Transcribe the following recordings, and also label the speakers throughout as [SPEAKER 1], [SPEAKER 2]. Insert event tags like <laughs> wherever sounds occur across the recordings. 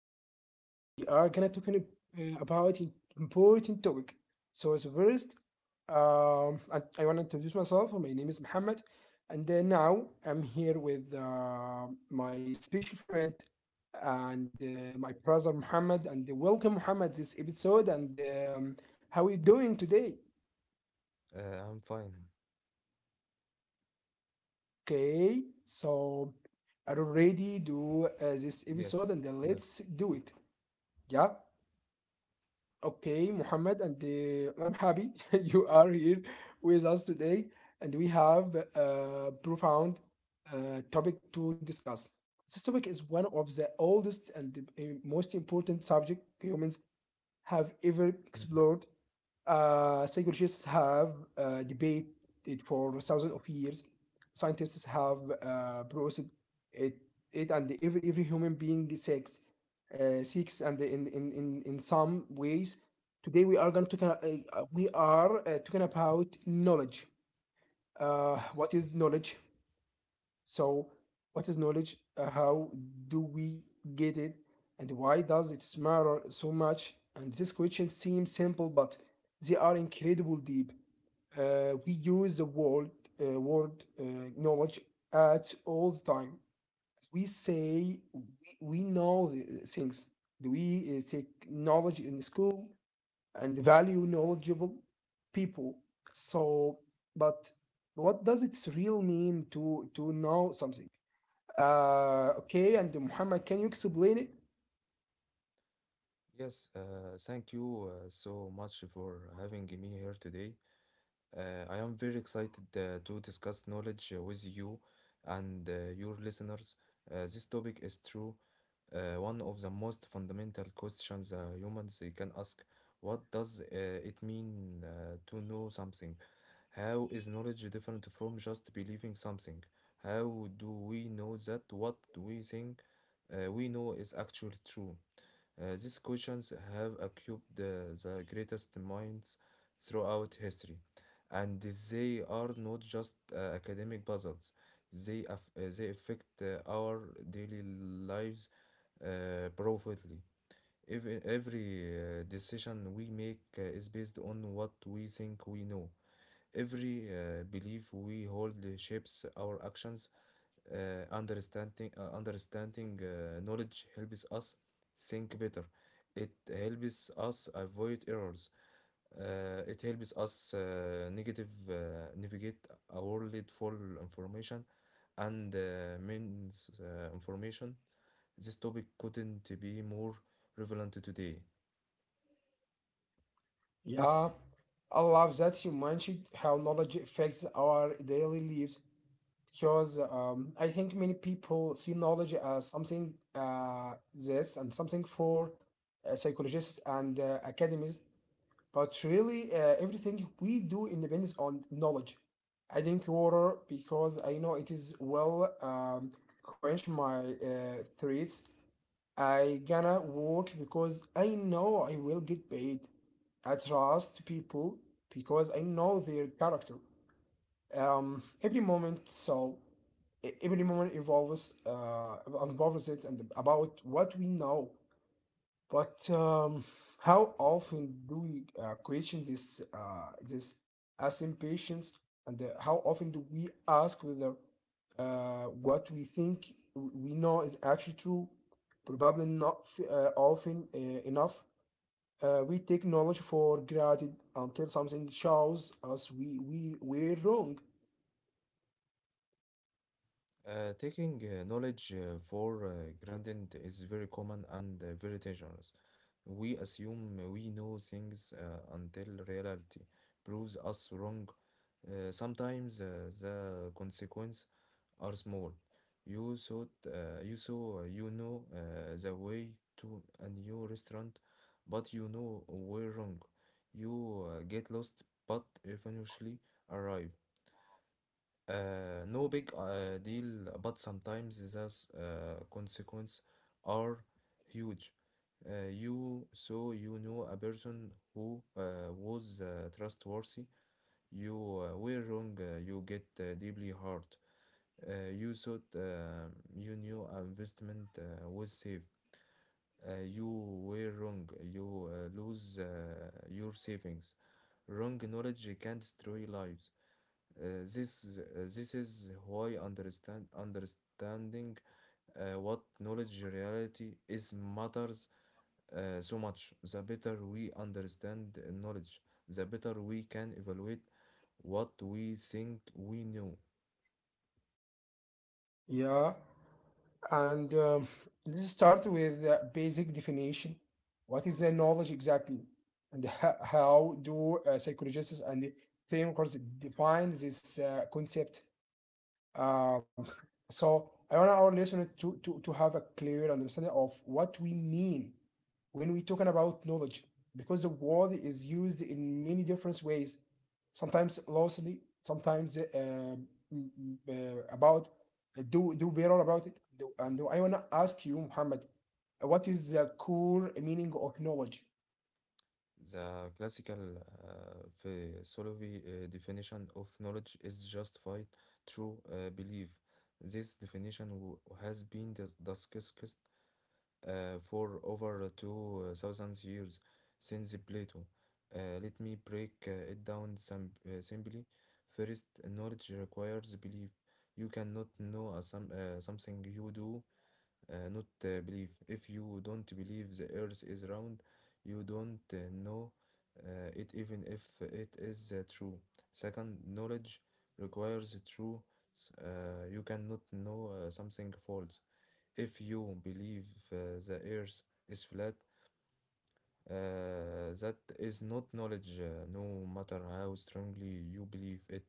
[SPEAKER 1] Today we are gonna about an important topic. So as first, I want to introduce myself. My name is Muhammad, and then now I'm here with my special friend and my brother Muhammad. And welcome Muhammad this episode. And How are you doing today?
[SPEAKER 2] I'm fine.
[SPEAKER 1] Okay, so I already do this episode,
[SPEAKER 2] Yes,
[SPEAKER 1] and then let's
[SPEAKER 2] yes,
[SPEAKER 1] do it. Yeah. Okay, Muhammad, and I'm happy <laughs> you are here with us today, and we have a profound topic to discuss. This topic is one of the oldest and the most important subject humans have ever
[SPEAKER 2] mm,
[SPEAKER 1] explored. Psychologists have debated it for thousands of years. Scientists have processed it, it and every human being seeks, seeks and in some ways. Today we are going to talk, we are talking about knowledge.
[SPEAKER 2] yes,
[SPEAKER 1] What is
[SPEAKER 2] yes,
[SPEAKER 1] knowledge? So, what is knowledge? How do we get it? And why does it matter so much? And these questions seem simple, but they are incredible deep. We use the word knowledge at all the time. We say we, we know the things. We take knowledge in school and value knowledgeable people? So, but what does it real mean to know something? Okay, and Muhammad, can you explain it?
[SPEAKER 2] yes. Thank you so much for having me here today. I am very excited to discuss knowledge with you and your listeners. This topic is true. One of the most fundamental questions, humans can ask, what does it mean to know something? How is knowledge different from just believing something? How do we know that what we think we know is actually true? These questions have occupied the greatest minds throughout history, and they are not just academic puzzles. They affect our daily lives profoundly. Every decision we make is based on what we think we know. Every belief we hold shapes our actions. Understanding knowledge helps us think better. It helps us avoid errors. It helps us negative navigate a world full information and means information. This topic couldn't be more relevant today.
[SPEAKER 1] Yeah. Yeah, I love that you mentioned how knowledge affects our daily lives because I think many people see knowledge as something this and something for psychologists and academies, but really everything we do depends on knowledge. I drink water because I know it is well quench my thirsts. I gonna work because I know I will get paid. I trust people because I know their character. Um, every moment, so every moment involves it and about what we know. But how often do we question this assumptions, and how often do we ask whether what we think we know is actually true? Probably not often enough. We take knowledge for granted until something shows us we were wrong.
[SPEAKER 2] Taking knowledge for granted is very common and very dangerous. We assume we know things until reality proves us wrong. Sometimes the consequences are small. You thought you saw, the way to a new restaurant, but you know we're wrong. You get lost, but eventually arrive. No big deal, but sometimes the consequences are huge. You so you know a person who was trustworthy. You were wrong. You get deeply hurt. You thought you knew an investment was safe. You were wrong. You lose your savings. Wrong knowledge can destroy lives. This is why understanding what knowledge reality is matters so much. The better we understand knowledge, the better we can evaluate what we think we know.
[SPEAKER 1] Yeah. And let's start with the basic definition. What is the knowledge exactly? And how do psychologists and thinkers define this concept? Um, so I want our listeners to have a clear understanding of what we mean when we're talking about knowledge because the word is used in many different ways, sometimes loosely, sometimes about do better about it. And I want to ask you, Muhammad, what is the core meaning of knowledge?
[SPEAKER 2] The classical uh, philosophy definition of knowledge is justified through belief. This definition has been discussed for over 2,000 years since Plato. Let me break it down some, simply. First, knowledge requires belief. You cannot know something you do not believe. If you don't believe the earth is round, you don't know it even if it is true. Second, knowledge requires truth. You cannot know something false. If you believe the earth is flat, that is not knowledge, no matter how strongly you believe it.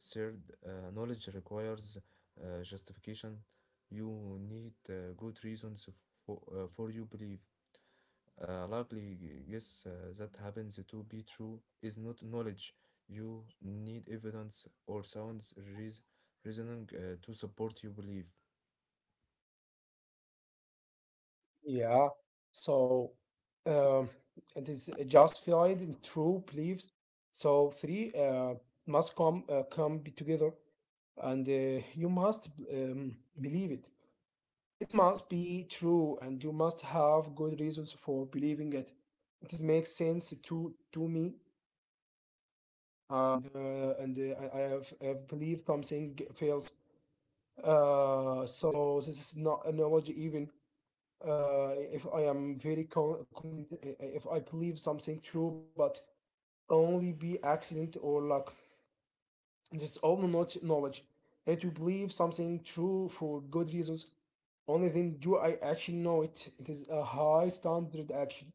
[SPEAKER 2] Third, knowledge requires justification. You need good reasons for for you believe. A likely guess that happens to be true is not knowledge. You need evidence or sound reas reasoning to support your belief.
[SPEAKER 1] Yeah. So um, it is justified in true beliefs. So three must come be together, and you must believe it. It must be true, and you must have good reasons for believing it. It makes sense to me, and I I have believed something fails. So this is not an analogy even if I am very confident, if I believe something true, but only be accident or luck. This all not knowledge. And to believe something true for good reasons, only then do I actually know it. It is a high standard action.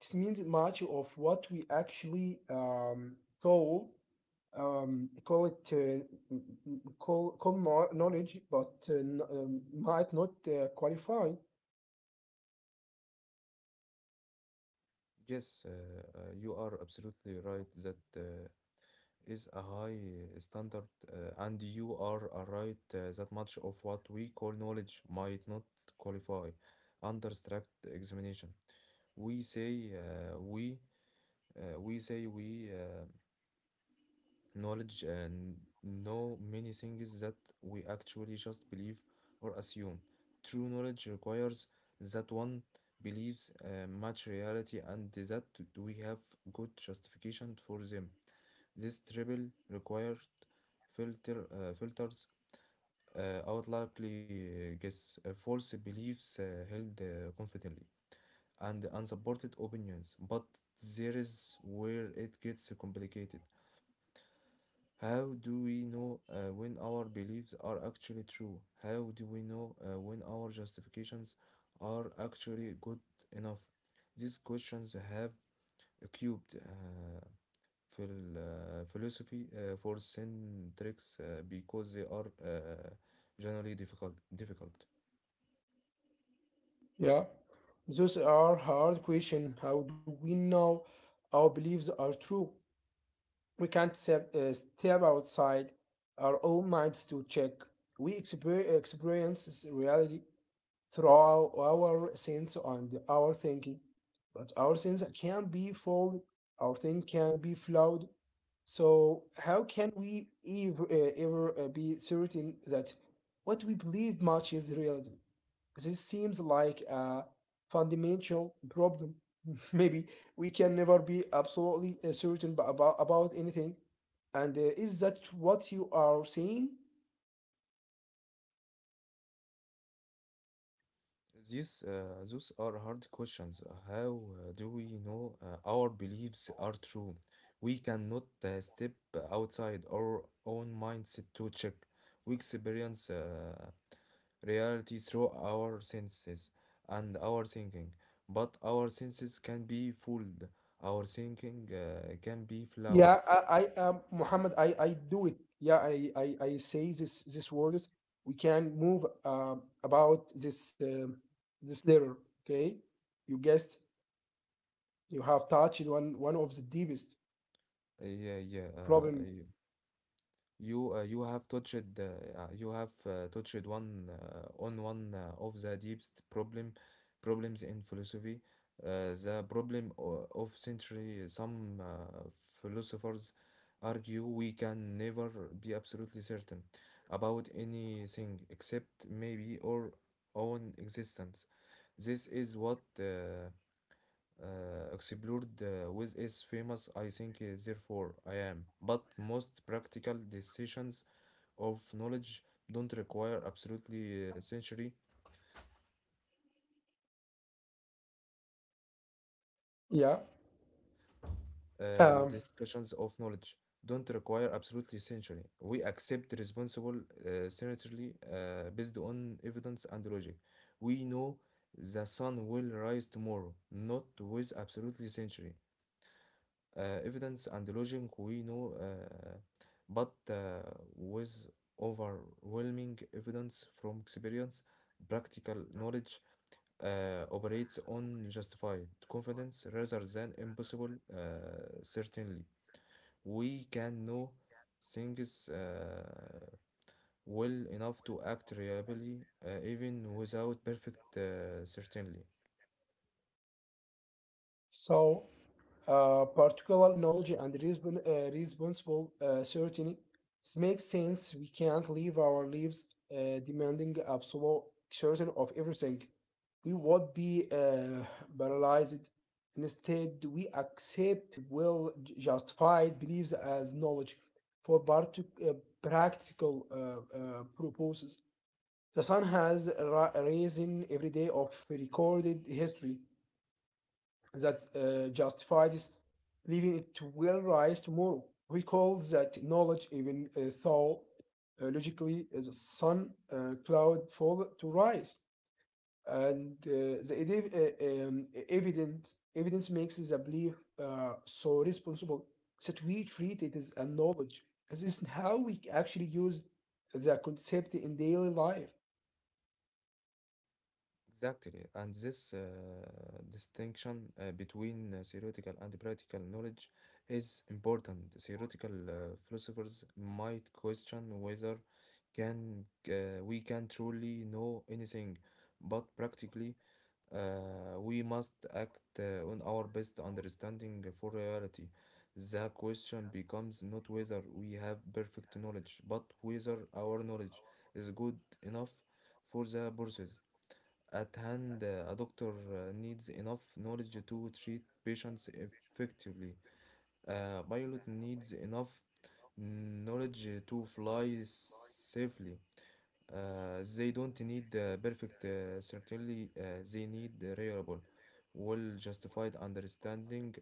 [SPEAKER 1] This means much of what we actually call call it m- m- call call kno- knowledge, but might not qualify.
[SPEAKER 2] Yes, you are absolutely right that is a high standard, and you are right that much of what we call knowledge might not qualify under strict examination. We say we say we knowledge and know many things that we actually just believe or assume. True knowledge requires that one believes much reality and that we have good justification for them. This triple required filters I would likely guess false beliefs held confidently and unsupported opinions. But there is where it gets complicated. How do we know when our beliefs are actually true? How do we know when our justifications are actually good enough? These questions have cubed في الphilosophy for syntax because they are generally difficult. Difficult.
[SPEAKER 1] Yeah, those are hard questions. How do we know our beliefs are true? We can't step outside our own minds to check. We experience reality through our sense and our thinking, but our sense can be flawed. Our thing can be flawed. So how can we ever be certain that what we believe matches reality? This seems like a fundamental problem. <laughs> Maybe we can never be absolutely certain about anything. And is that what you are saying?
[SPEAKER 2] These Those are hard questions. How do we know our beliefs are true? We cannot step outside our own mindset to check. We experience reality through our senses and our thinking, but our senses can be fooled. Our thinking can be flawed.
[SPEAKER 1] Yeah, I Muhammad, I do it. Yeah, I say this words. We can move about this letter. Okay, you guessed. You have touched one of the deepest
[SPEAKER 2] Yeah, yeah.
[SPEAKER 1] problem.
[SPEAKER 2] You have touched you have touched one on one of the deepest problems in philosophy, the problem of century. Some philosophers argue we can never be absolutely certain about anything except maybe our own existence. This is what explored with is famous I think therefore I am. But most practical decisions of knowledge don't require absolutely century
[SPEAKER 1] Yeah.
[SPEAKER 2] and
[SPEAKER 1] Um.
[SPEAKER 2] discussions of knowledge don't require absolutely century. We accept responsible sincerely based on evidence and logic. We know the sun will rise tomorrow, not with absolutely century. Evidence and logic we know but with overwhelming evidence from experience practical knowledge operates on justified confidence rather than impossible certainly. We can know things well enough to act reliably even without perfect certainly.
[SPEAKER 1] So particular knowledge and responsible certainty makes sense. We can't live our lives demanding absolute certain of everything. We would be paralyzed. Instead, we accept well justified beliefs as knowledge for practical purposes. The sun has risen every day of recorded history that justifies leaving it will rise tomorrow. We call that knowledge, even though logically the sun cloud fall to rise. And the edi- evidence evidence makes the belief so responsible that we treat it as a knowledge. This is how we actually use the concept in daily life.
[SPEAKER 2] Exactly, and this distinction between theoretical and practical knowledge is important. Theoretical philosophers might question whether can we can truly know anything, but practically we must act on our best understanding for reality. The question becomes not whether we have perfect knowledge, but whether our knowledge is good enough for the purposes. At hand, a doctor needs enough knowledge to treat patients effectively. A pilot needs enough knowledge to fly safely. They don't need perfect certainty, they need a reliable, well justified understanding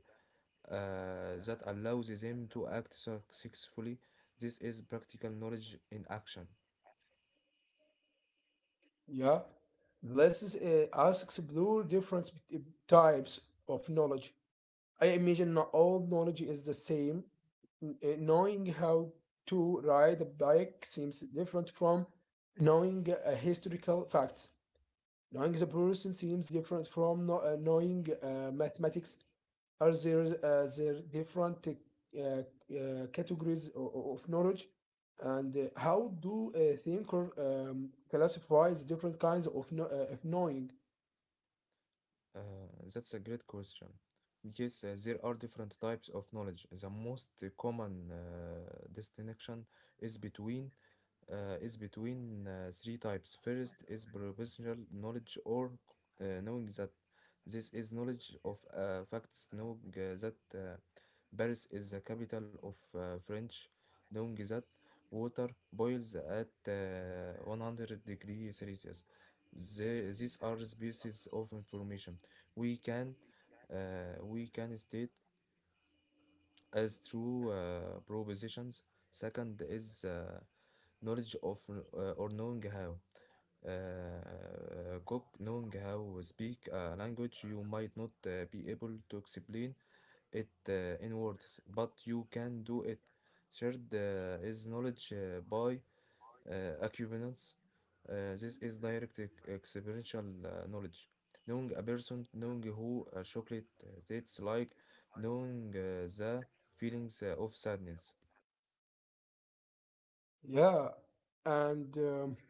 [SPEAKER 2] that allows them to act successfully. This is practical knowledge in action.
[SPEAKER 1] Yeah, let's us explore different types of knowledge. I imagine not all knowledge is the same. Knowing how to ride a bike seems different from knowing historical facts. Knowing the person seems different from no, knowing mathematics. Are there different categories of knowledge? And how do a thinker classify the different kinds of, of knowing?
[SPEAKER 2] Uh, that's a great question. Yes, there are different types of knowledge. The most common distinction is between is between three types. First is professional knowledge or knowing that. This is knowledge of facts, knowing that Paris is the capital of French, knowing that water boils at 100 degrees Celsius. These are species of information. We can we can state as through propositions. Second is knowledge of, or knowing how. Cook knowing how to speak a language you might not be able to explain it in words, but you can do it. Third is knowledge by acuminance. This is direct experiential knowledge. Knowing a person, knowing who a chocolate tastes like, knowing the feelings of sadness.
[SPEAKER 1] Yeah, and um,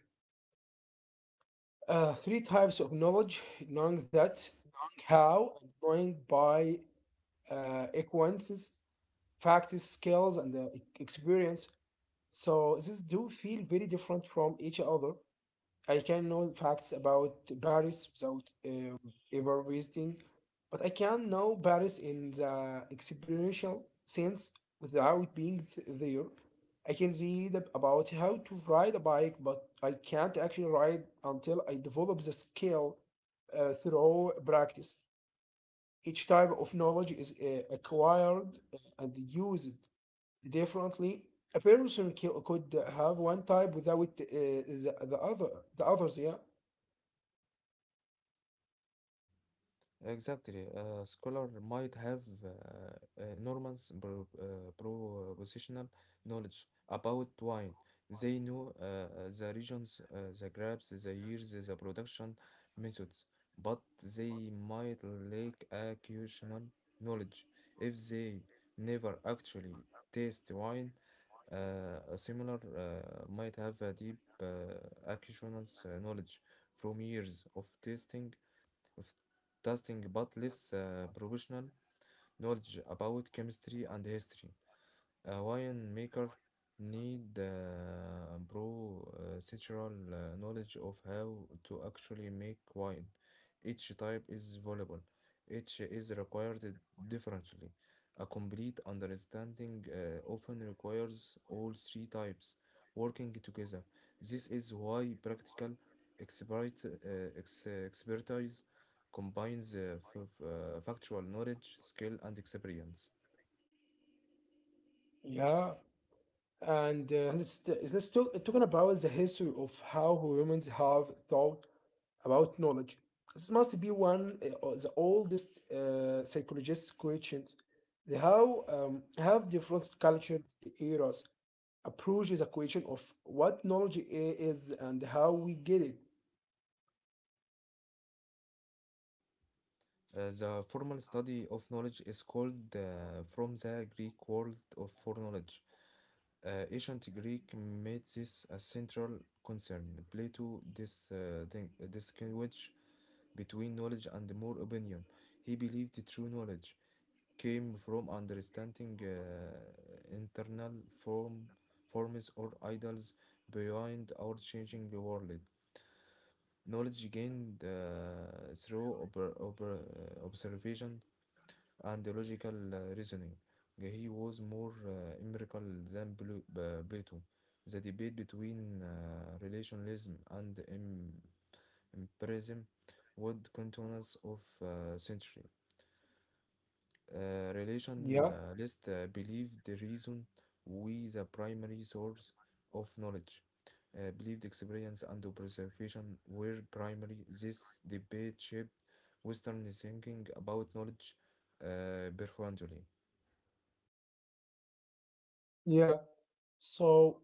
[SPEAKER 1] Uh, three types of knowledge: knowing that, knowing how, and knowing by acquaintances, facts, skills, and experience. So these do feel very different from each other. I can know facts about Paris without ever visiting, but I can know Paris in the experiential sense without being there. I can read about how to ride a bike, but I can't actually ride until I develop the skill through practice. Each type of knowledge is acquired and used differently. A person could have one type without the other, the others. Yeah.
[SPEAKER 2] Exactly. A scholar might have enormous propositional knowledge about wine. They know the regions, the grapes, the years, the production methods, but they might lack occasional knowledge. If they never actually taste wine, a similar might have a deep occasional knowledge from years of tasting of testing but less professional knowledge about chemistry and history. A wine maker need procedural knowledge of how to actually make wine. Each type is valuable. Each is required differently. A complete understanding often requires all three types working together. This is why practical expertise combines factual knowledge, skill, and experience.
[SPEAKER 1] Yeah. And let's talking about the history of how humans have thought about knowledge. This must be one of the oldest psychologists' questions. The how have different culture the eras approach the question of what knowledge is and how we get it.
[SPEAKER 2] The formal study of knowledge is called from the Greek word of for knowledge. Ancient Greek made this a central concern. Plato distinguished between knowledge and more opinion. He believed true knowledge came from understanding forms or ideals beyond our changing world. Knowledge gained through observation and logical reasoning. He was more empirical than Plato. The debate between relationalism and empiricism would continue of century.
[SPEAKER 1] Yeah,
[SPEAKER 2] Relationalists believed the reason we the primary source of knowledge. Believed experience and observation were primary. This debate shaped Western thinking about knowledge profoundly.
[SPEAKER 1] yeah. So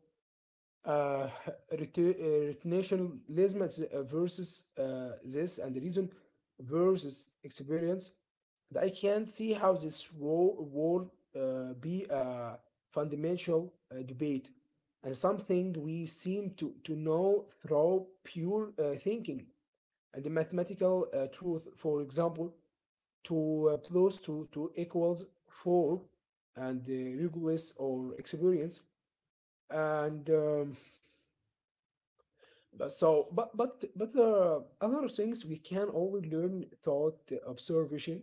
[SPEAKER 1] uh, nationalism versus this and the reason versus experience, that I can't see how this role will be a fundamental debate and something we seem to know through pure thinking and the mathematical truth. For example, two plus to, equals 4 and regulus or experience and But So, but other things we can only learn thought observation.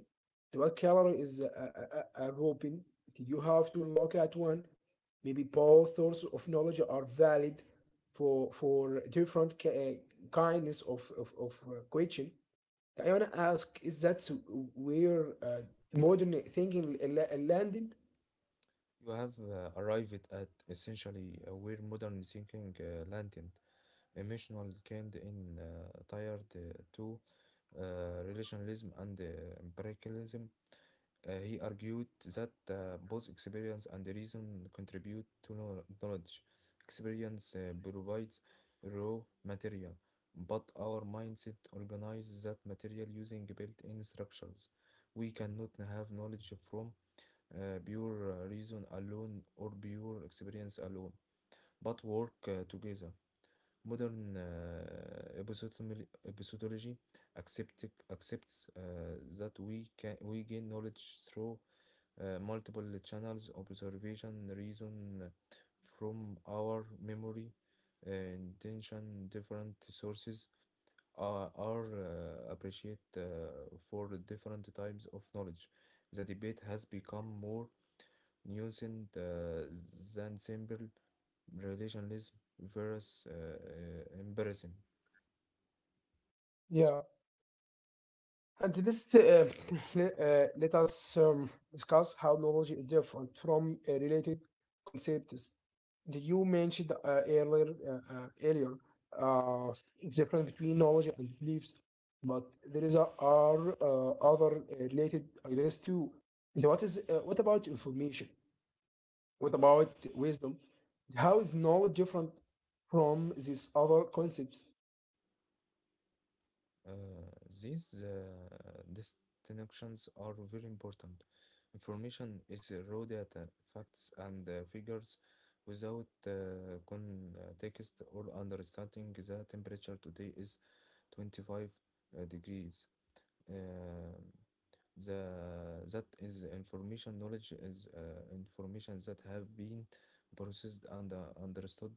[SPEAKER 1] The word calorie is a grouping. You have to look at one. Maybe both sources of knowledge are valid for different kindness of question. I wanna ask: is that where modern thinking landed?
[SPEAKER 2] You have arrived at essentially where modern thinking landed, emotional kind in tired to relationalism and empiricalism. He argued that both experience and reason contribute to knowledge. Experience provides raw material, but our mindset organizes that material using built-in structures. We cannot have knowledge from pure reason alone or pure experience alone, but work together. Modern epistemology accept, accepts that we can we gain knowledge through multiple channels, observation, reason from our memory, intention, different sources are appreciated for different types of knowledge. The debate has become more using the than simple relationalism versus embarrassing.
[SPEAKER 1] And let's <laughs> let us discuss how knowledge is different from related concepts. Did you mentioned earlier uh, difference between knowledge and beliefs, but there are other related ideas too. And what is what about information? What about wisdom? How is knowledge different from these other concepts?
[SPEAKER 2] Uh, these distinctions are very important. Information is raw data, facts, and figures without context or understanding. The temperature today is 25 degrees. Um, the that is information. Knowledge is information that have been processed and understood.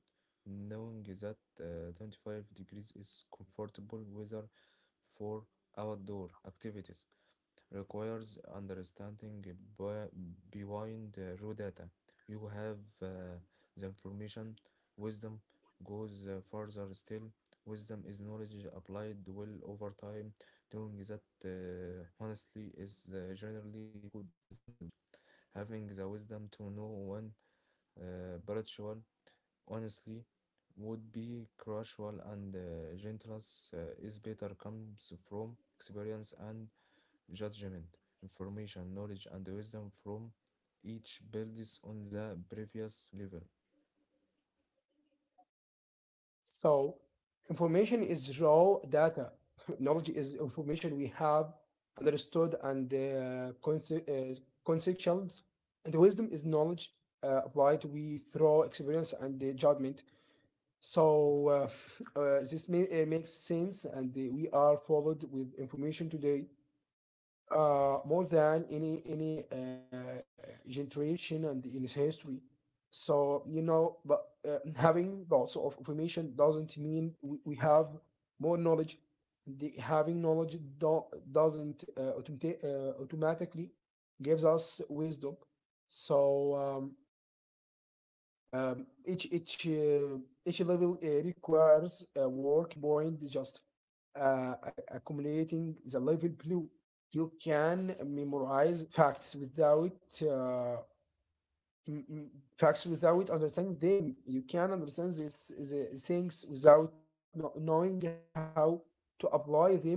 [SPEAKER 2] Knowing that 25 degrees is comfortable weather for outdoor activities requires understanding behind raw data. You have the information. Wisdom goes further still. Wisdom is knowledge applied well over time. Doing that honestly is generally good is knowledge. Having the wisdom to know when spiritual honestly would be crucial and gentleness is better comes from experience and judgment, information, knowledge, and wisdom from each builds on the previous level.
[SPEAKER 1] So information is raw data. <laughs> Knowledge is information we have understood and conce- uh, conceptualized. And wisdom is knowledge applied we through experience and judgment. So <laughs> this makes sense, and we are followed with information today more than any generation and in its history. So you know, but <laughs> having lots of information doesn't mean we have more knowledge. Having knowledge doesn't automatically gives us wisdom. So each level requires a work point just accumulating the level blue. You can memorize facts without m- m- facts without understanding them. You can understand this the things without knowing how to apply them wisely.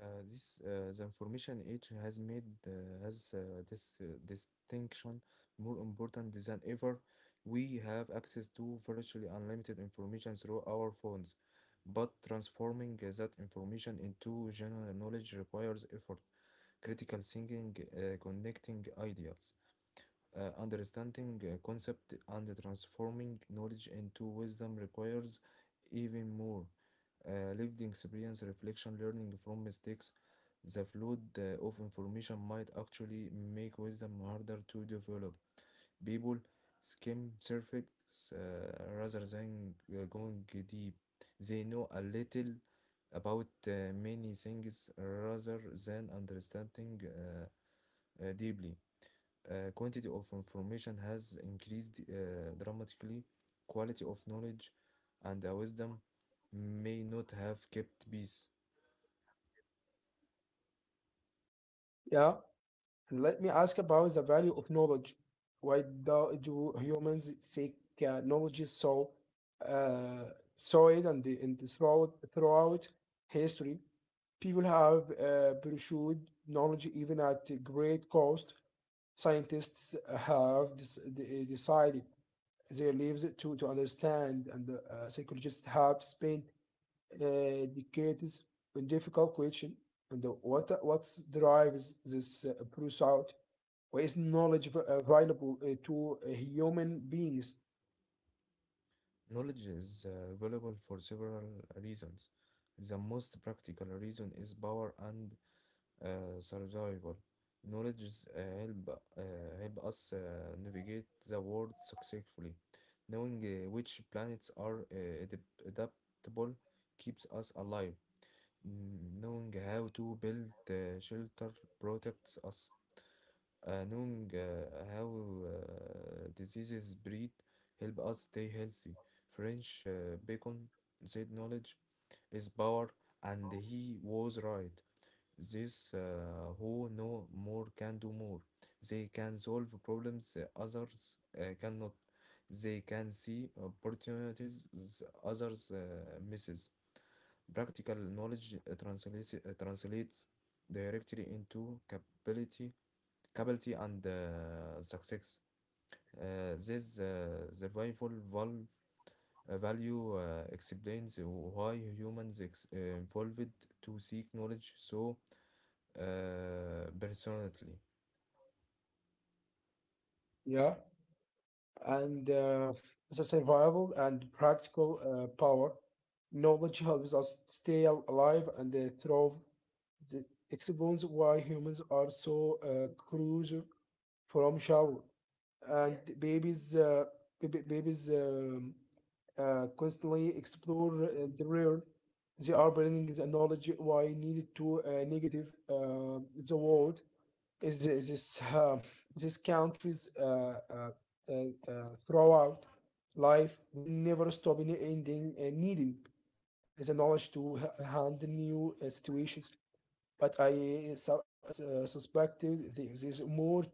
[SPEAKER 2] This the information age has made has this distinction more important than ever. We have access to virtually unlimited information through our phones, but transforming that information into general knowledge requires effort, critical thinking, connecting ideas. Understanding a concept and transforming knowledge into wisdom requires even more lived experience, reflection, learning from mistakes. The flood of information might actually make wisdom harder to develop. People skim surface rather than going deep. They know a little about many things rather than understanding deeply. Quantity of information has increased dramatically. Quality of knowledge and wisdom may not have kept peace.
[SPEAKER 1] Yeah. And let me ask about the value of knowledge. Why do, do humans seek knowledge so uh, solid and, throughout history? People have pursued knowledge even at a great cost. Scientists have decided their lives to understand, and psychologists have spent uh, educates a difficult question and what drives this pursuit or is knowledge available to human beings?
[SPEAKER 2] Knowledge is valuable for several reasons. The most practical reason is power and survival. Knowledge help us navigate the world successfully. Knowing which planets are adaptable keeps us alive. Knowing how to build shelter protects us. Knowing how diseases spread help us stay healthy. French Bacon said knowledge is power, and he was right. This who know more can do more. They can solve problems others cannot. They can see opportunities others misses. Practical knowledge translates directly into capability, capability and success. This survival value explains why humans evolved to seek knowledge so personally.
[SPEAKER 1] Yeah. And the survival and practical power knowledge helps us stay alive and thrive. This explains why humans are so crucial from shell and babies constantly explore the world. They are bringing the knowledge why needed to negative the world is this <laughs> this countries uh, uh, throughout life will never stop in ending needing the knowledge to handle new situations, but I suspected there is more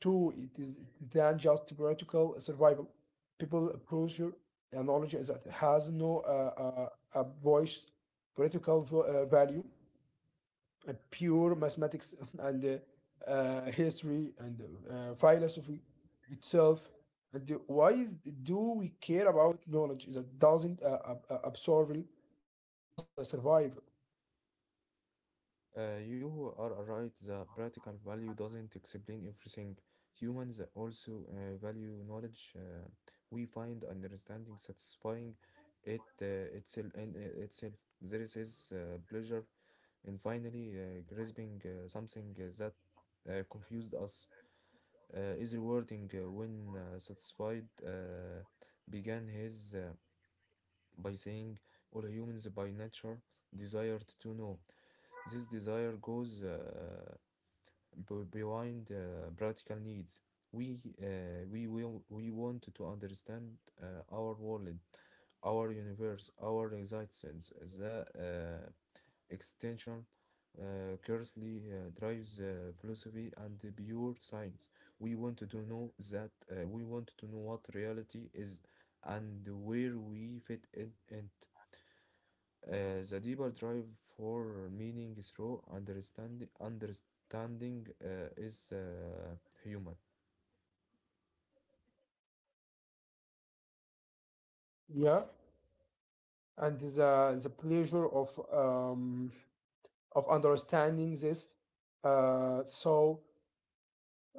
[SPEAKER 1] to it is than just practical survival. People approach your knowledge that has no a voice political value, pure mathematics <laughs> and history and philosophy itself. Why is, do we care about knowledge that doesn't absorb help us survive?
[SPEAKER 2] You are right, the practical value doesn't explain everything. Humans also value knowledge. We find understanding satisfying it itself in I- itself. There is this pleasure in finally grasping something that confused us is rewarding when satisfied began his by saying all humans by nature desired to know. This desire goes behind practical needs. We want to understand our world, our universe, our existence. The extension curiously drives philosophy and the pure science. We want to know what reality is and where we fit in it. The deeper drive for meaning through understanding is human.
[SPEAKER 1] Yeah. And the pleasure of understanding this. Uh, so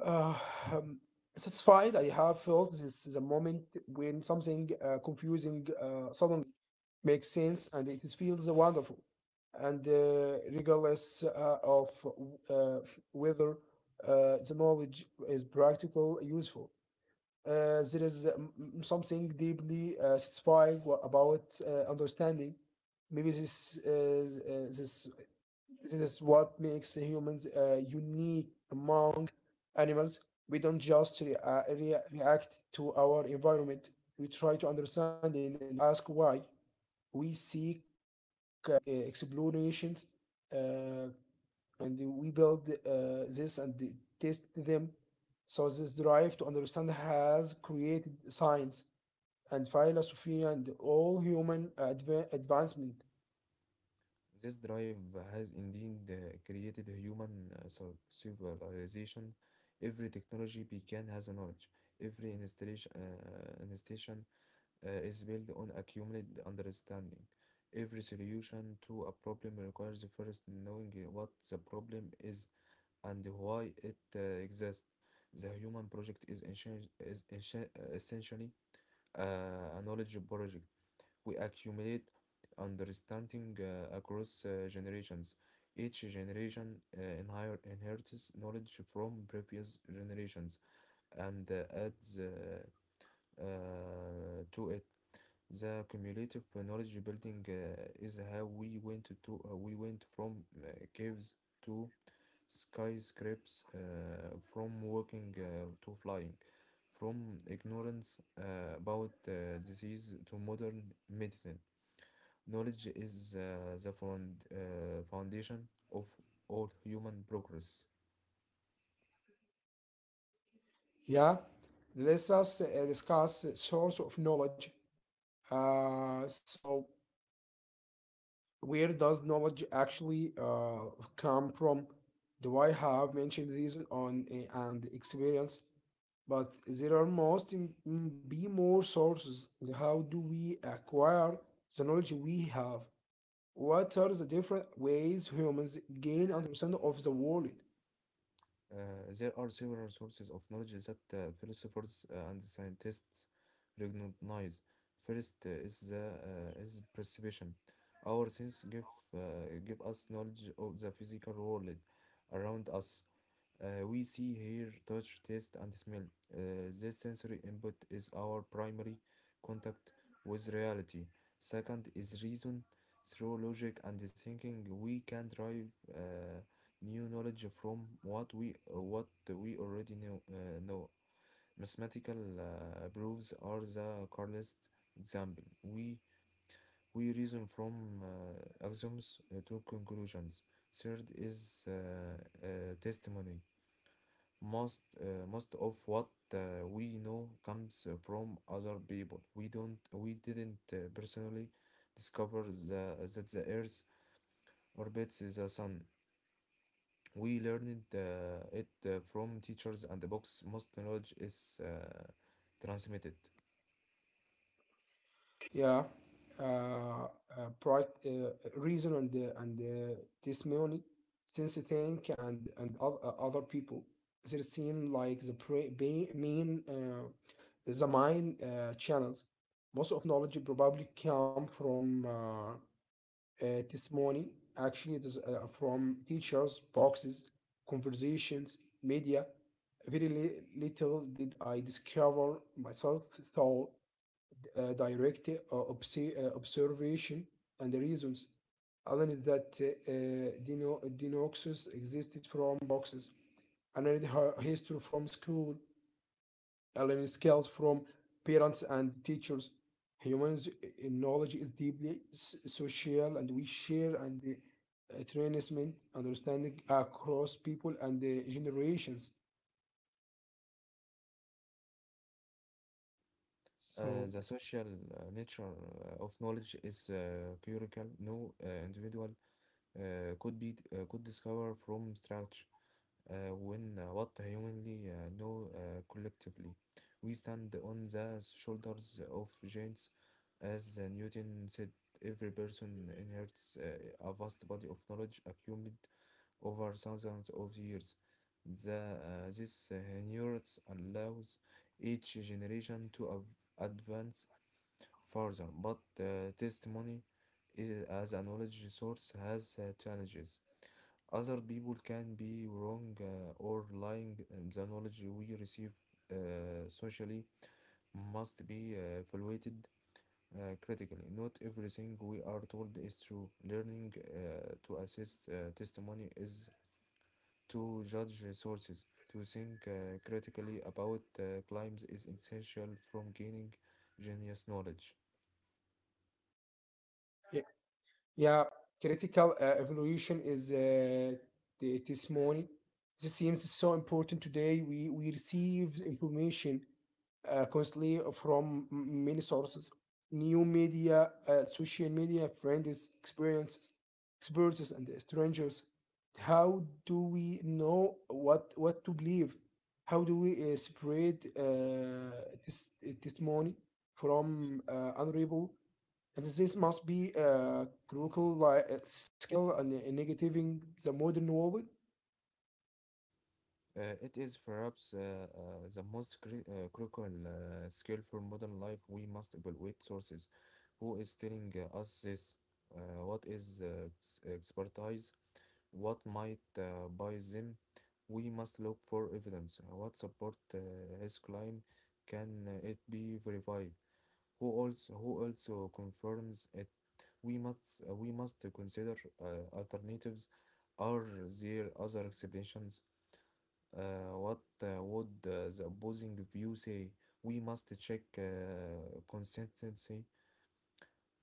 [SPEAKER 1] uh, um, Satisfied, I have felt this is a moment when something confusing suddenly makes sense, and it feels wonderful. And regardless of uh, whether the knowledge is practical, useful. There is something deeply satisfying about understanding. Maybe this is what makes humans unique among animals. We don't just react to our environment. We try to understand it, and we ask why. We seek uh, e- explanations. Uh, and we build this and test them. So this drive to understand has created science and philosophy and all human advancement.
[SPEAKER 2] This drive has indeed created human civilization. Every technology began as a knowledge. Every installation is built on accumulated understanding. Every solution to a problem requires first knowing what the problem is and why it exists. The human project is essentially a knowledge project. We accumulate understanding across generations. Each generation inherits knowledge from previous generations and adds to it. The cumulative knowledge building is how we went from caves to skyscrapes, from walking to flying, from ignorance about disease to modern medicine. Knowledge is the foundation of all human progress.
[SPEAKER 1] Yeah, let us discuss the source of knowledge. So, where does knowledge actually come from? Do I have mentioned reason on and experience? But there are must im- m- be more sources. How do we acquire the knowledge we have? What are the different ways humans gain understanding of the world?
[SPEAKER 2] Uh, there are several sources of knowledge that philosophers and scientists recognize. First is perception. Our sense give uh, give us knowledge of the physical world around us. We see, here touch, taste, and smell. This sensory input is our primary contact with reality. Second is reason. Through logic and thinking, we can derive new knowledge from what we already know. Mathematical proofs are the clearest example. We reason from axioms to conclusions. Third is testimony. Most of what we know comes from other people. We didn't personally discover that the Earth orbits the Sun. We learned it from teachers and the books. Most knowledge is transmitted.
[SPEAKER 1] Yeah, uh, uh, bright, reason and testimony, since I think and other people, they seem like the pre- ba- main the main channels. Most of knowledge probably come from testimony. Actually, it is from teachers, boxes, conversations, media. Very little did I discover myself. Thought direct observation and the reasons. Alan that Dinoxus existed from boxes. I learned her history from school. I skills from parents and teachers. Humans' knowledge is deeply social, and we share and transmit understanding across people and generations. So,
[SPEAKER 2] The social nature of knowledge is curial. No individual could discover from scratch. When what humanly know collectively. We stand on the shoulders of giants. As Newton said, every person inherits a vast body of knowledge accumulated over thousands of years. This inheritance allows each generation to advance further, but testimony is, as a knowledge source has challenges. Other people can be wrong or lying. And The knowledge we receive uh, socially must be evaluated critically. Not everything we are told is true. Learning to assess testimony is to judge sources. To think critically about claims is essential from gaining genius knowledge.
[SPEAKER 1] yeah. Yeah, critical evaluation is the testimony. This seems so important today. We receive information constantly from many sources, new media, social media, friends, experiences, experts, and strangers. How do we know what to believe? How do we separate this testimony from unreliable? This must be a critical like, skill and in negating the modern world.
[SPEAKER 2] It is perhaps uh, the most critical skill for modern life. We must evaluate sources. Who is telling us this? What is expertise? What might buy them? We must look for evidence. What support his claim? Can it be verified? Who also confirms it? We must consider alternatives. Are there other explanations? What would the opposing view say? We must check consistency.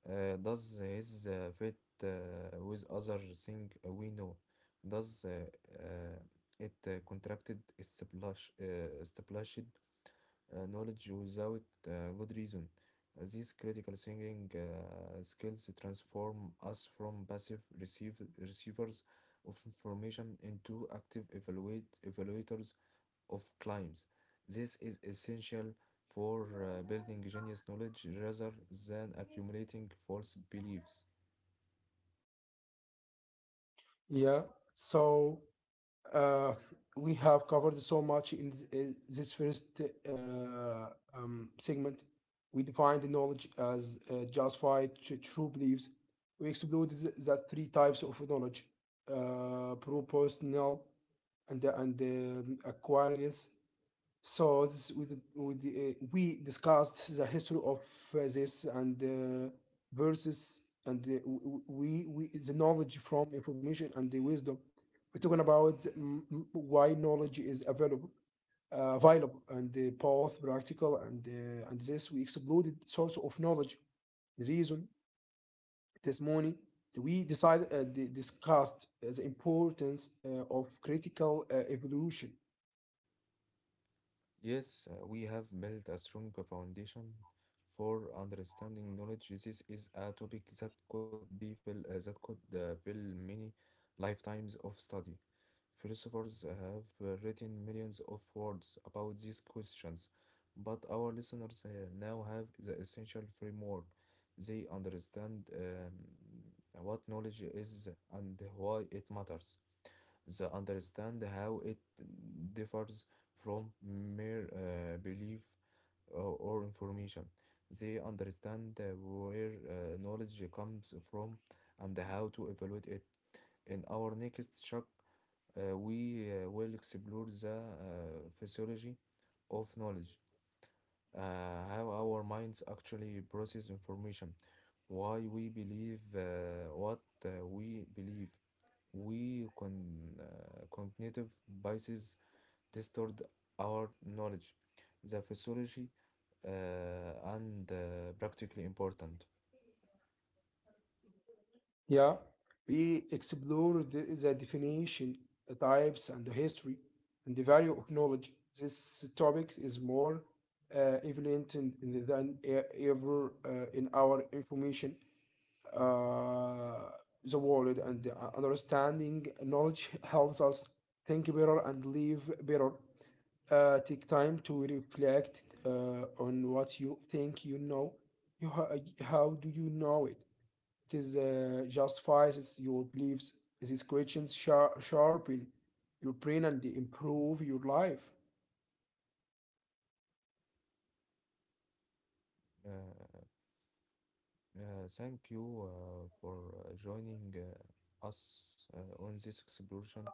[SPEAKER 2] Does his fit with other thing we know? Does uh, it contracted established knowledge without good reason? These critical thinking skills transform us from passive receivers of information into active evaluators of climbs. This is essential for building genius knowledge rather than accumulating false beliefs.
[SPEAKER 1] Yeah. So uh, we have covered so much in in this first uh, segment. We defined the knowledge as justified true beliefs. We explored the three types of knowledge: propositional and acquiriness. So this, with the, we discussed the history of this and versus, and we the knowledge from information and the wisdom. We're talking about why knowledge is available, available and both practical and this we exploded source of knowledge, the reason, testimony. We decided discussed the importance of critical evolution.
[SPEAKER 2] Yes, we have built a strong foundation for understanding knowledge. This is a topic that could fill many lifetimes of study. Philosophers have written millions of words about these questions, but our listeners now have the essential framework. They understand what knowledge is and why it matters the understand how it differs from mere belief or information. They understand where knowledge comes from and how to evaluate it. In our next chapter, we will explore the physiology of knowledge, uh, how our minds actually process information, why we believe what we believe, we con cognitive biases distort our knowledge. The physiology and practically important.
[SPEAKER 1] Yeah, we explored the definition, types, and the history, and the value of knowledge. This topic is more evident than ever in our information, uh, the world, and the understanding knowledge helps us think better and live better. Take time to reflect on what you think you know. You ha- how do you know it? It is justifies your beliefs. It is questions sharpen your brain and improve your life.
[SPEAKER 2] Uh, Thank you for joining us on this exploration.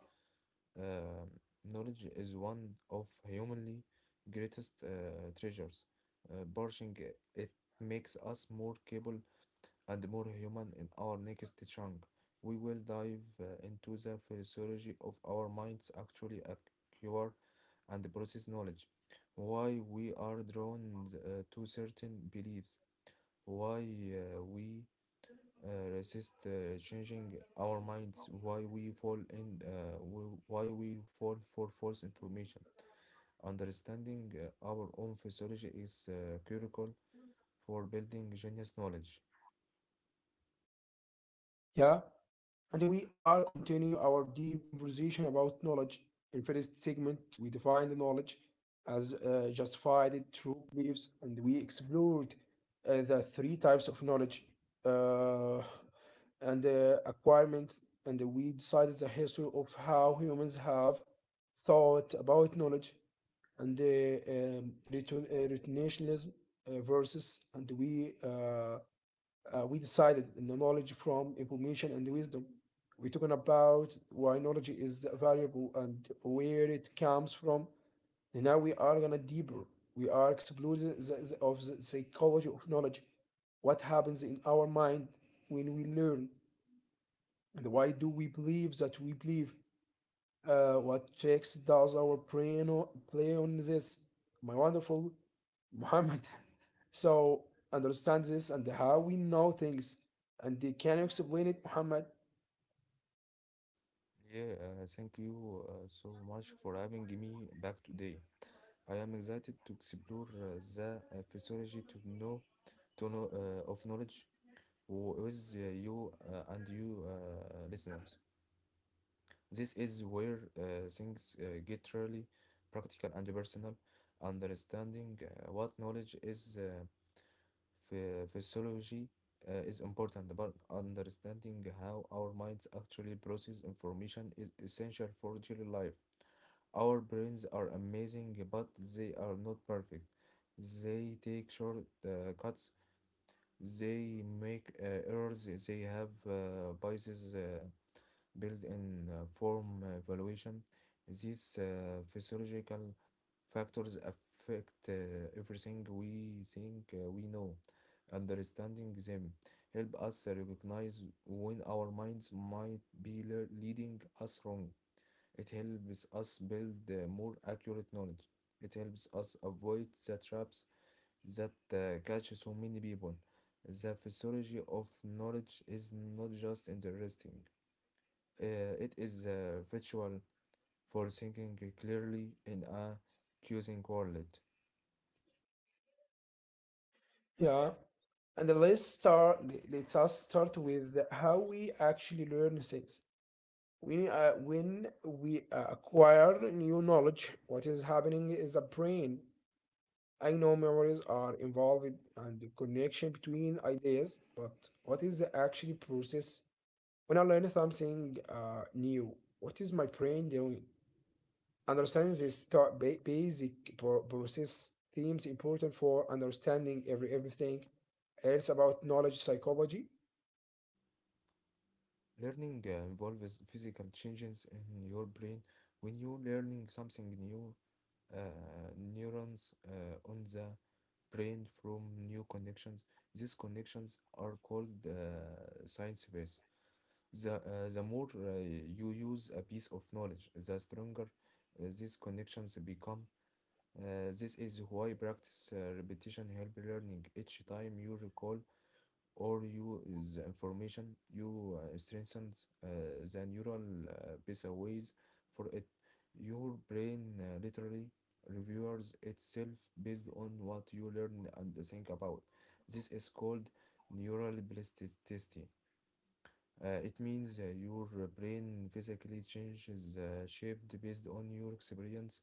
[SPEAKER 2] Um, knowledge is one of humanly greatest treasures. Pursuing it makes us more capable and more human in our next chunk. We will dive into the physiology of our minds actually acquire and process knowledge, why we are drawn to certain beliefs, why we uh, resist changing our minds, why we fall for false information. Understanding our own physiology is critical for building genius knowledge.
[SPEAKER 1] Yeah. And we are continuing our deep conversation about knowledge. In first segment, we defined the knowledge as justified through beliefs, and we explored the three types of knowledge uh, and acquirement, and we decided the history of how humans have thought about knowledge and the retentionism versus, and we decided in the knowledge from information and wisdom. We're talking about why knowledge is valuable and where it comes from, and now we are gonna deeper. We are exploring the- of the psychology of knowledge, what happens in our mind when we learn, and why do we believe that we believe what tricks does our brain play on this? My wonderful Muhammad. <laughs> So understand this and how we know things, and they can you explain it, Muhammad?
[SPEAKER 2] Yeah, thank you so much for having me back today. I am excited to explore the physiology to know of knowledge with you and you listeners. This is where things get really practical and personal. Understanding what knowledge is physiology is important, but understanding how our minds actually process information is essential for daily life. Our brains are amazing, but they are not perfect. They take short cuts, they make errors, they have biases built in form evaluation. These physiological factors affect everything we think we know. Understanding them help us recognize when our minds might be leading us wrong. It helps us build more accurate knowledge. It helps us avoid the traps that catch so many people. The physiology of knowledge is not just interesting, uh, it is virtual for thinking clearly in a confusing world.
[SPEAKER 1] Yeah. And let's start. Let's us start with how we actually learn things. We When we acquire new knowledge, what is happening is the brain. I know memories are involved and the connection between ideas, but what is the actual process? When I learn something new, what is my brain doing? Understanding this basic process themes important for understanding everything else about knowledge psychology.
[SPEAKER 2] Learning involves physical changes in your brain. When you're learning something new, neurons on the brain from new connections. These connections are called science base. The, uh, the more you use a piece of knowledge, the stronger these connections become. This is why practice repetition help learning. Each time you recall or you the information you strengthens the neural uh, pathways for it your brain literally reviews itself based on what you learn and think about this is called neural plasticity it means your brain physically changes shape based on your experience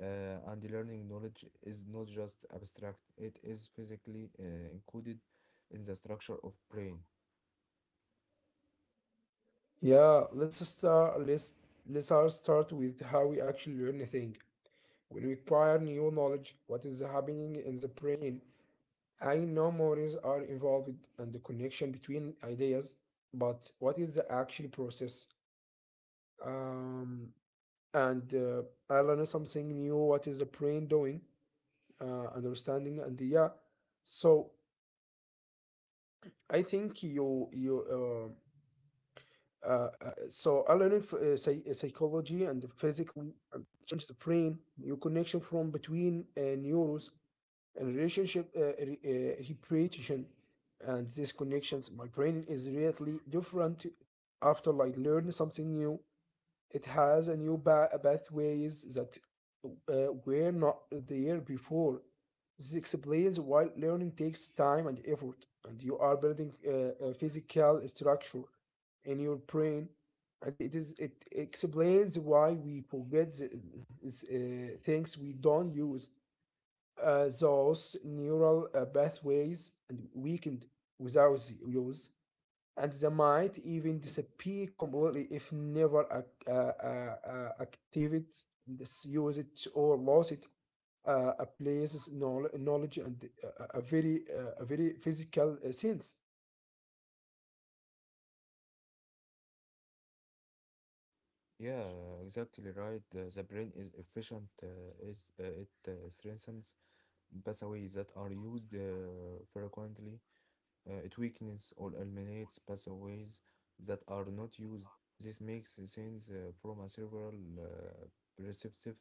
[SPEAKER 2] and learning knowledge is not just abstract it is physically encoded in the structure of brain.
[SPEAKER 1] Yeah, let's start. Let's all start with how we actually learn a thing. When we acquire new knowledge, what is happening in the brain? I know memories are involved and the connection between ideas, but what is the actual process? Um, and I learned something new. What is the brain doing? Understanding and yeah. So I think you you so I learned psychology and physically and change the brain. New connection from between neurons and relationship repetition and these connections. My brain is really different after like learning something new. It has a new pathways that were not there before. This explains why learning takes time and effort, and you are building a physical structure in your brain, and it explains why we forget the, this, things we don't use. Those neural pathways and weakened without the use, and they might even disappear completely if never activate. This use it or lost it, a place's knowledge and a very physical sense.
[SPEAKER 2] Yeah, exactly right. The brain is efficient. Is it strengthens pathways that are used frequently. It weakens or eliminates pathways that are not used. This makes sense from a several uh, perspective.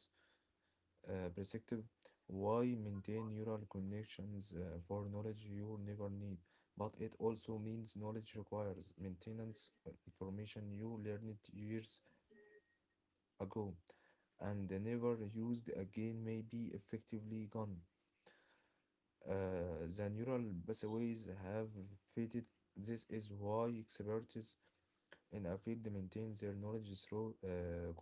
[SPEAKER 2] Perspective. Why maintain neural connections for knowledge you never need? But it also means knowledge requires maintenance. Information you learned years ago and never used again may be effectively gone. The neural pathways have faded. This is why experts in a field maintain their knowledge through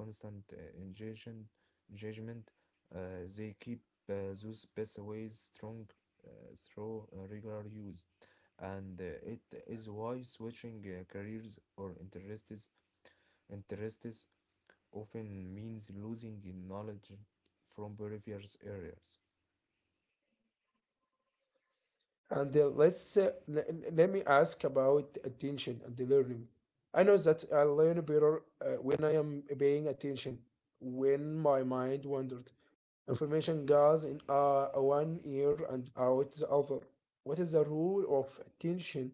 [SPEAKER 2] constant engagement. They keep those pathways strong uh, through regular use. And it is why switching careers or interests often means losing in knowledge from previous areas.
[SPEAKER 1] And let me ask about attention and the learning. I know that I learn better when I am paying attention, when my mind wandered. Information goes in one ear and out the other. What is the rule of attention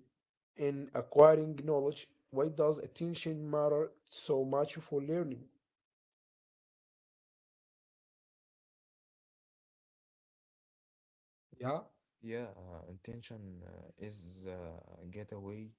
[SPEAKER 1] in acquiring knowledge? Why does attention matter so much for learning?
[SPEAKER 2] Yeah, intention is a getaway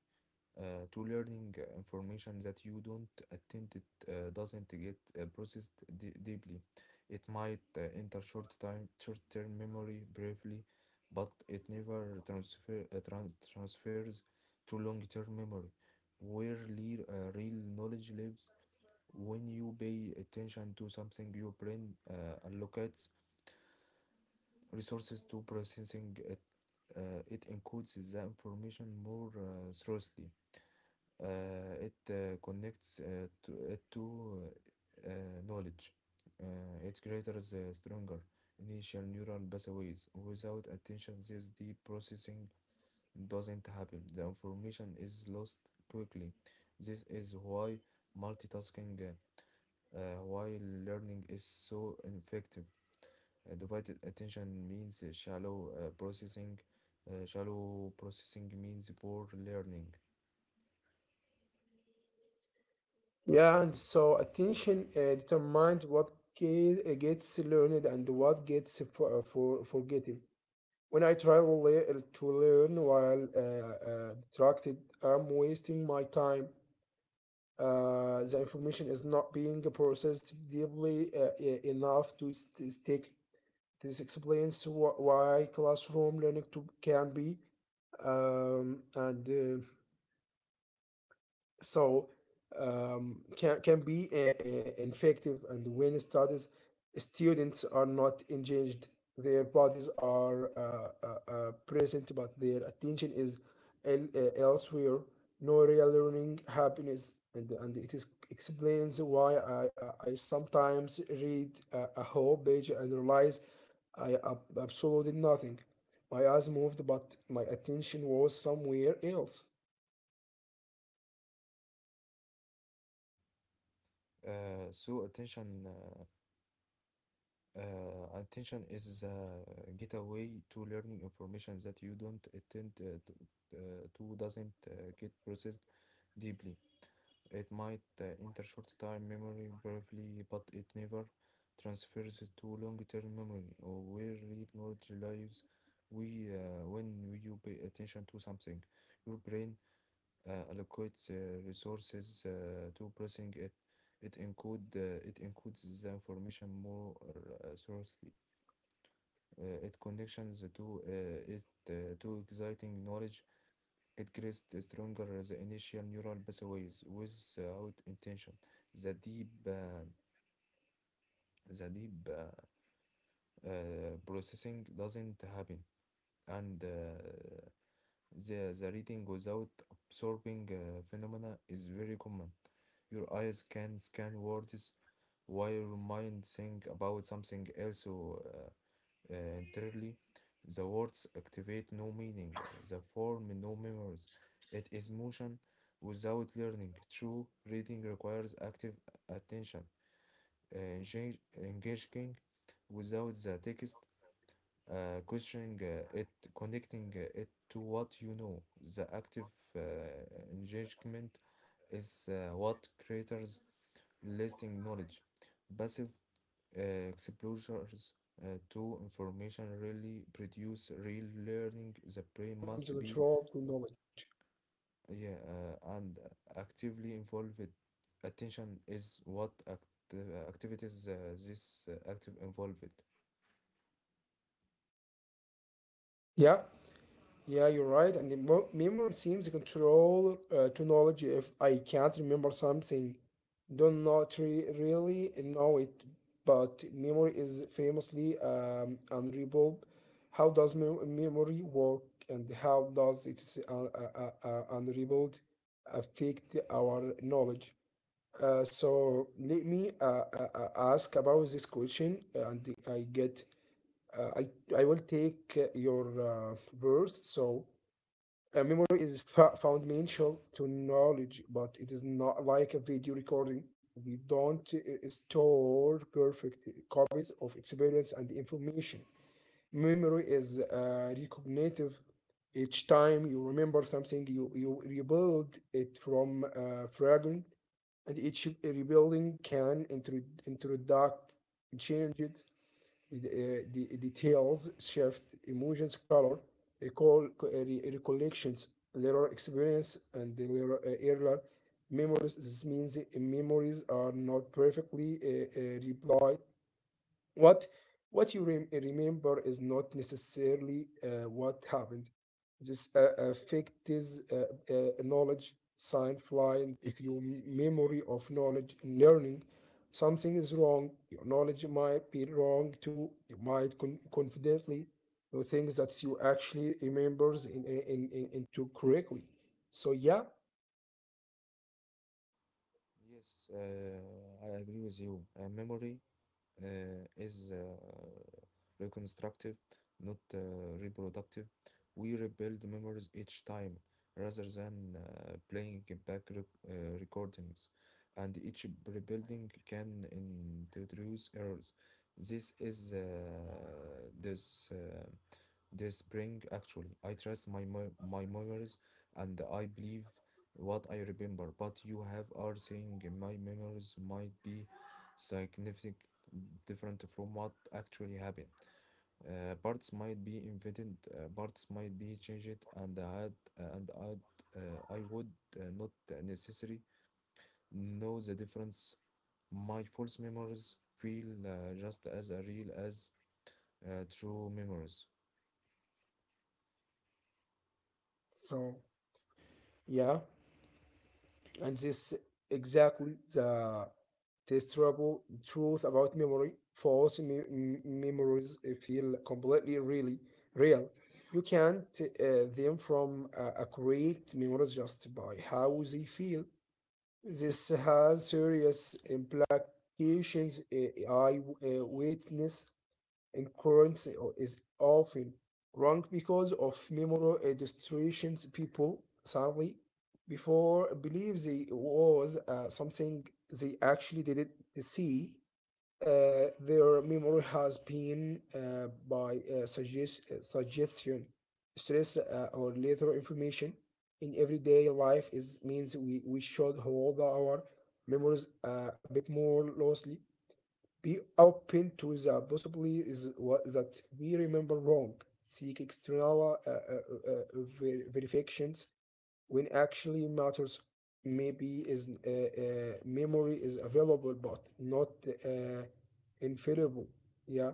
[SPEAKER 2] to learning information that you don't attend it doesn't get processed deeply. It might enter short-term memory briefly, but it never transfers to long-term memory, where real knowledge lives. When you pay attention to something, your brain allocates resources to processing it. It encodes the information more thoroughly. It connects it to knowledge. It creates stronger initial neural pathways. Without attention, this deep processing doesn't happen. The information is lost quickly. This is why multitasking while learning is so effective. Divided attention means shallow processing. Shallow processing means poor learning.
[SPEAKER 1] Yeah, and so attention determines what gets learned and what gets for forgotten. When I try to to learn while distracted, I'm wasting my time. The information is not being processed deeply enough to stick. This explains why classroom learning to can be and so can be infective, and when studies students are not engaged, their bodies are present, but their attention is elsewhere. No real learning happiness, and it is explains why I sometimes read a whole page and realize I absolutely nothing. My eyes moved but my attention was somewhere else.
[SPEAKER 2] So attention is a getaway to learning information that you don't attend to, doesn't get processed deeply. It might enter short-time memory briefly, but it never transfers it to long-term memory or where read knowledge lives. When you pay attention to something, your brain allocates resources to processing it. It encodes the information more thoroughly. It connections to it to exciting knowledge. It creates the stronger the initial neural pathways without intention. The deep, uh, the deep processing doesn't happen, and the reading without absorbing phenomena is very common. Your eyes can scan words while your mind think about something else, entirely. The words activate no meaning, the form no memories. It is motion without learning. True reading requires active attention, engaging without the text, questioning it, connecting it to what you know. The active uh, engagement is what creators lasting knowledge. Passive exposures to
[SPEAKER 1] So
[SPEAKER 2] information
[SPEAKER 1] let's
[SPEAKER 2] really
[SPEAKER 1] us to talking
[SPEAKER 2] produce real
[SPEAKER 1] about memory.
[SPEAKER 2] learning. The
[SPEAKER 1] Memory
[SPEAKER 2] brain
[SPEAKER 1] seems
[SPEAKER 2] must be
[SPEAKER 1] control to knowledge.
[SPEAKER 2] yeah, and actively involved. Attention is what activities this active involved.
[SPEAKER 1] Yeah, yeah, you're right. And the memory seems control to knowledge. If I can't remember something, don't not really know it. But memory is famously unreadable. How does memory work, and how does it's unreadable affect our knowledge? So let me Ask about this question, I get uh, I I will take your words. So memory is fundamental to knowledge, but it is not like a video recording. We don't store perfect copies of experience and information. Memory is recognitive. Each time you remember something, you rebuild it from fragment, and each rebuilding can introduct changes, the details shift, emotions, color, recall, recollections, later experience, and the later, earlier memories. This means the memories are not perfectly replied what what you remember is not necessarily what happened. This affect is knowledge sign flying. If your memory of knowledge and learning something is wrong, your knowledge might be wrong too. You might confidently the things that you actually remembers in, into correctly. So yeah,
[SPEAKER 2] Yes, I agree with you. Memory is reconstructive, not reproductive. We rebuild memories each time rather than playing back recordings, and each rebuilding can introduce errors. This is this. This spring actually I trust my memories, and I believe what I remember, but you have are saying my memories might be significant different from what actually happened. Parts might be invented, parts might be changed, and I had, and I'd, I would not necessarily know the difference. My false memories feel just as real as true memories.
[SPEAKER 1] so yeah, and this exactly the testable truth about memory. False memories feel completely really real. You can't them from a memories just by how they feel. This has serious implications. I witness Incurrence is often wrong because of memory distortions. People sadly, before believe they was something they actually didn't see. Their memory has been by suggestion, stress, or later information in everyday life is means we should hold our memories a bit more loosely, be open to the possibility is what that we remember wrong. Seek external ver- verifications when actually matters, maybe is memory is available but not uh, infallible. Yeah.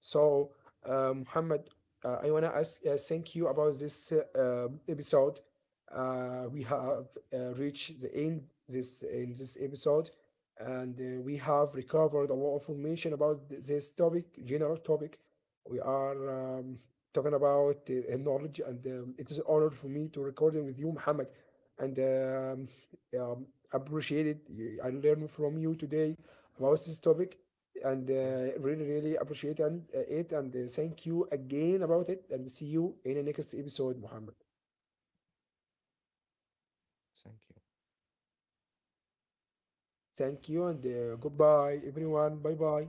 [SPEAKER 1] So Muhammad, I want to ask thank you about this episode. We have
[SPEAKER 2] Yes.
[SPEAKER 1] reached the end this in this episode, and we have recovered a lot of information about this topic general topic we are talking about, knowledge, and it is an honor for me to recording with you, Muhammad, and um, appreciate it. You, I learned from you today about this topic, and
[SPEAKER 2] Yeah.
[SPEAKER 1] really, really appreciate and, it, and thank you again about it, and see you in the next episode, Muhammad.
[SPEAKER 2] Thank you.
[SPEAKER 1] Thank you, and goodbye, everyone. Bye bye.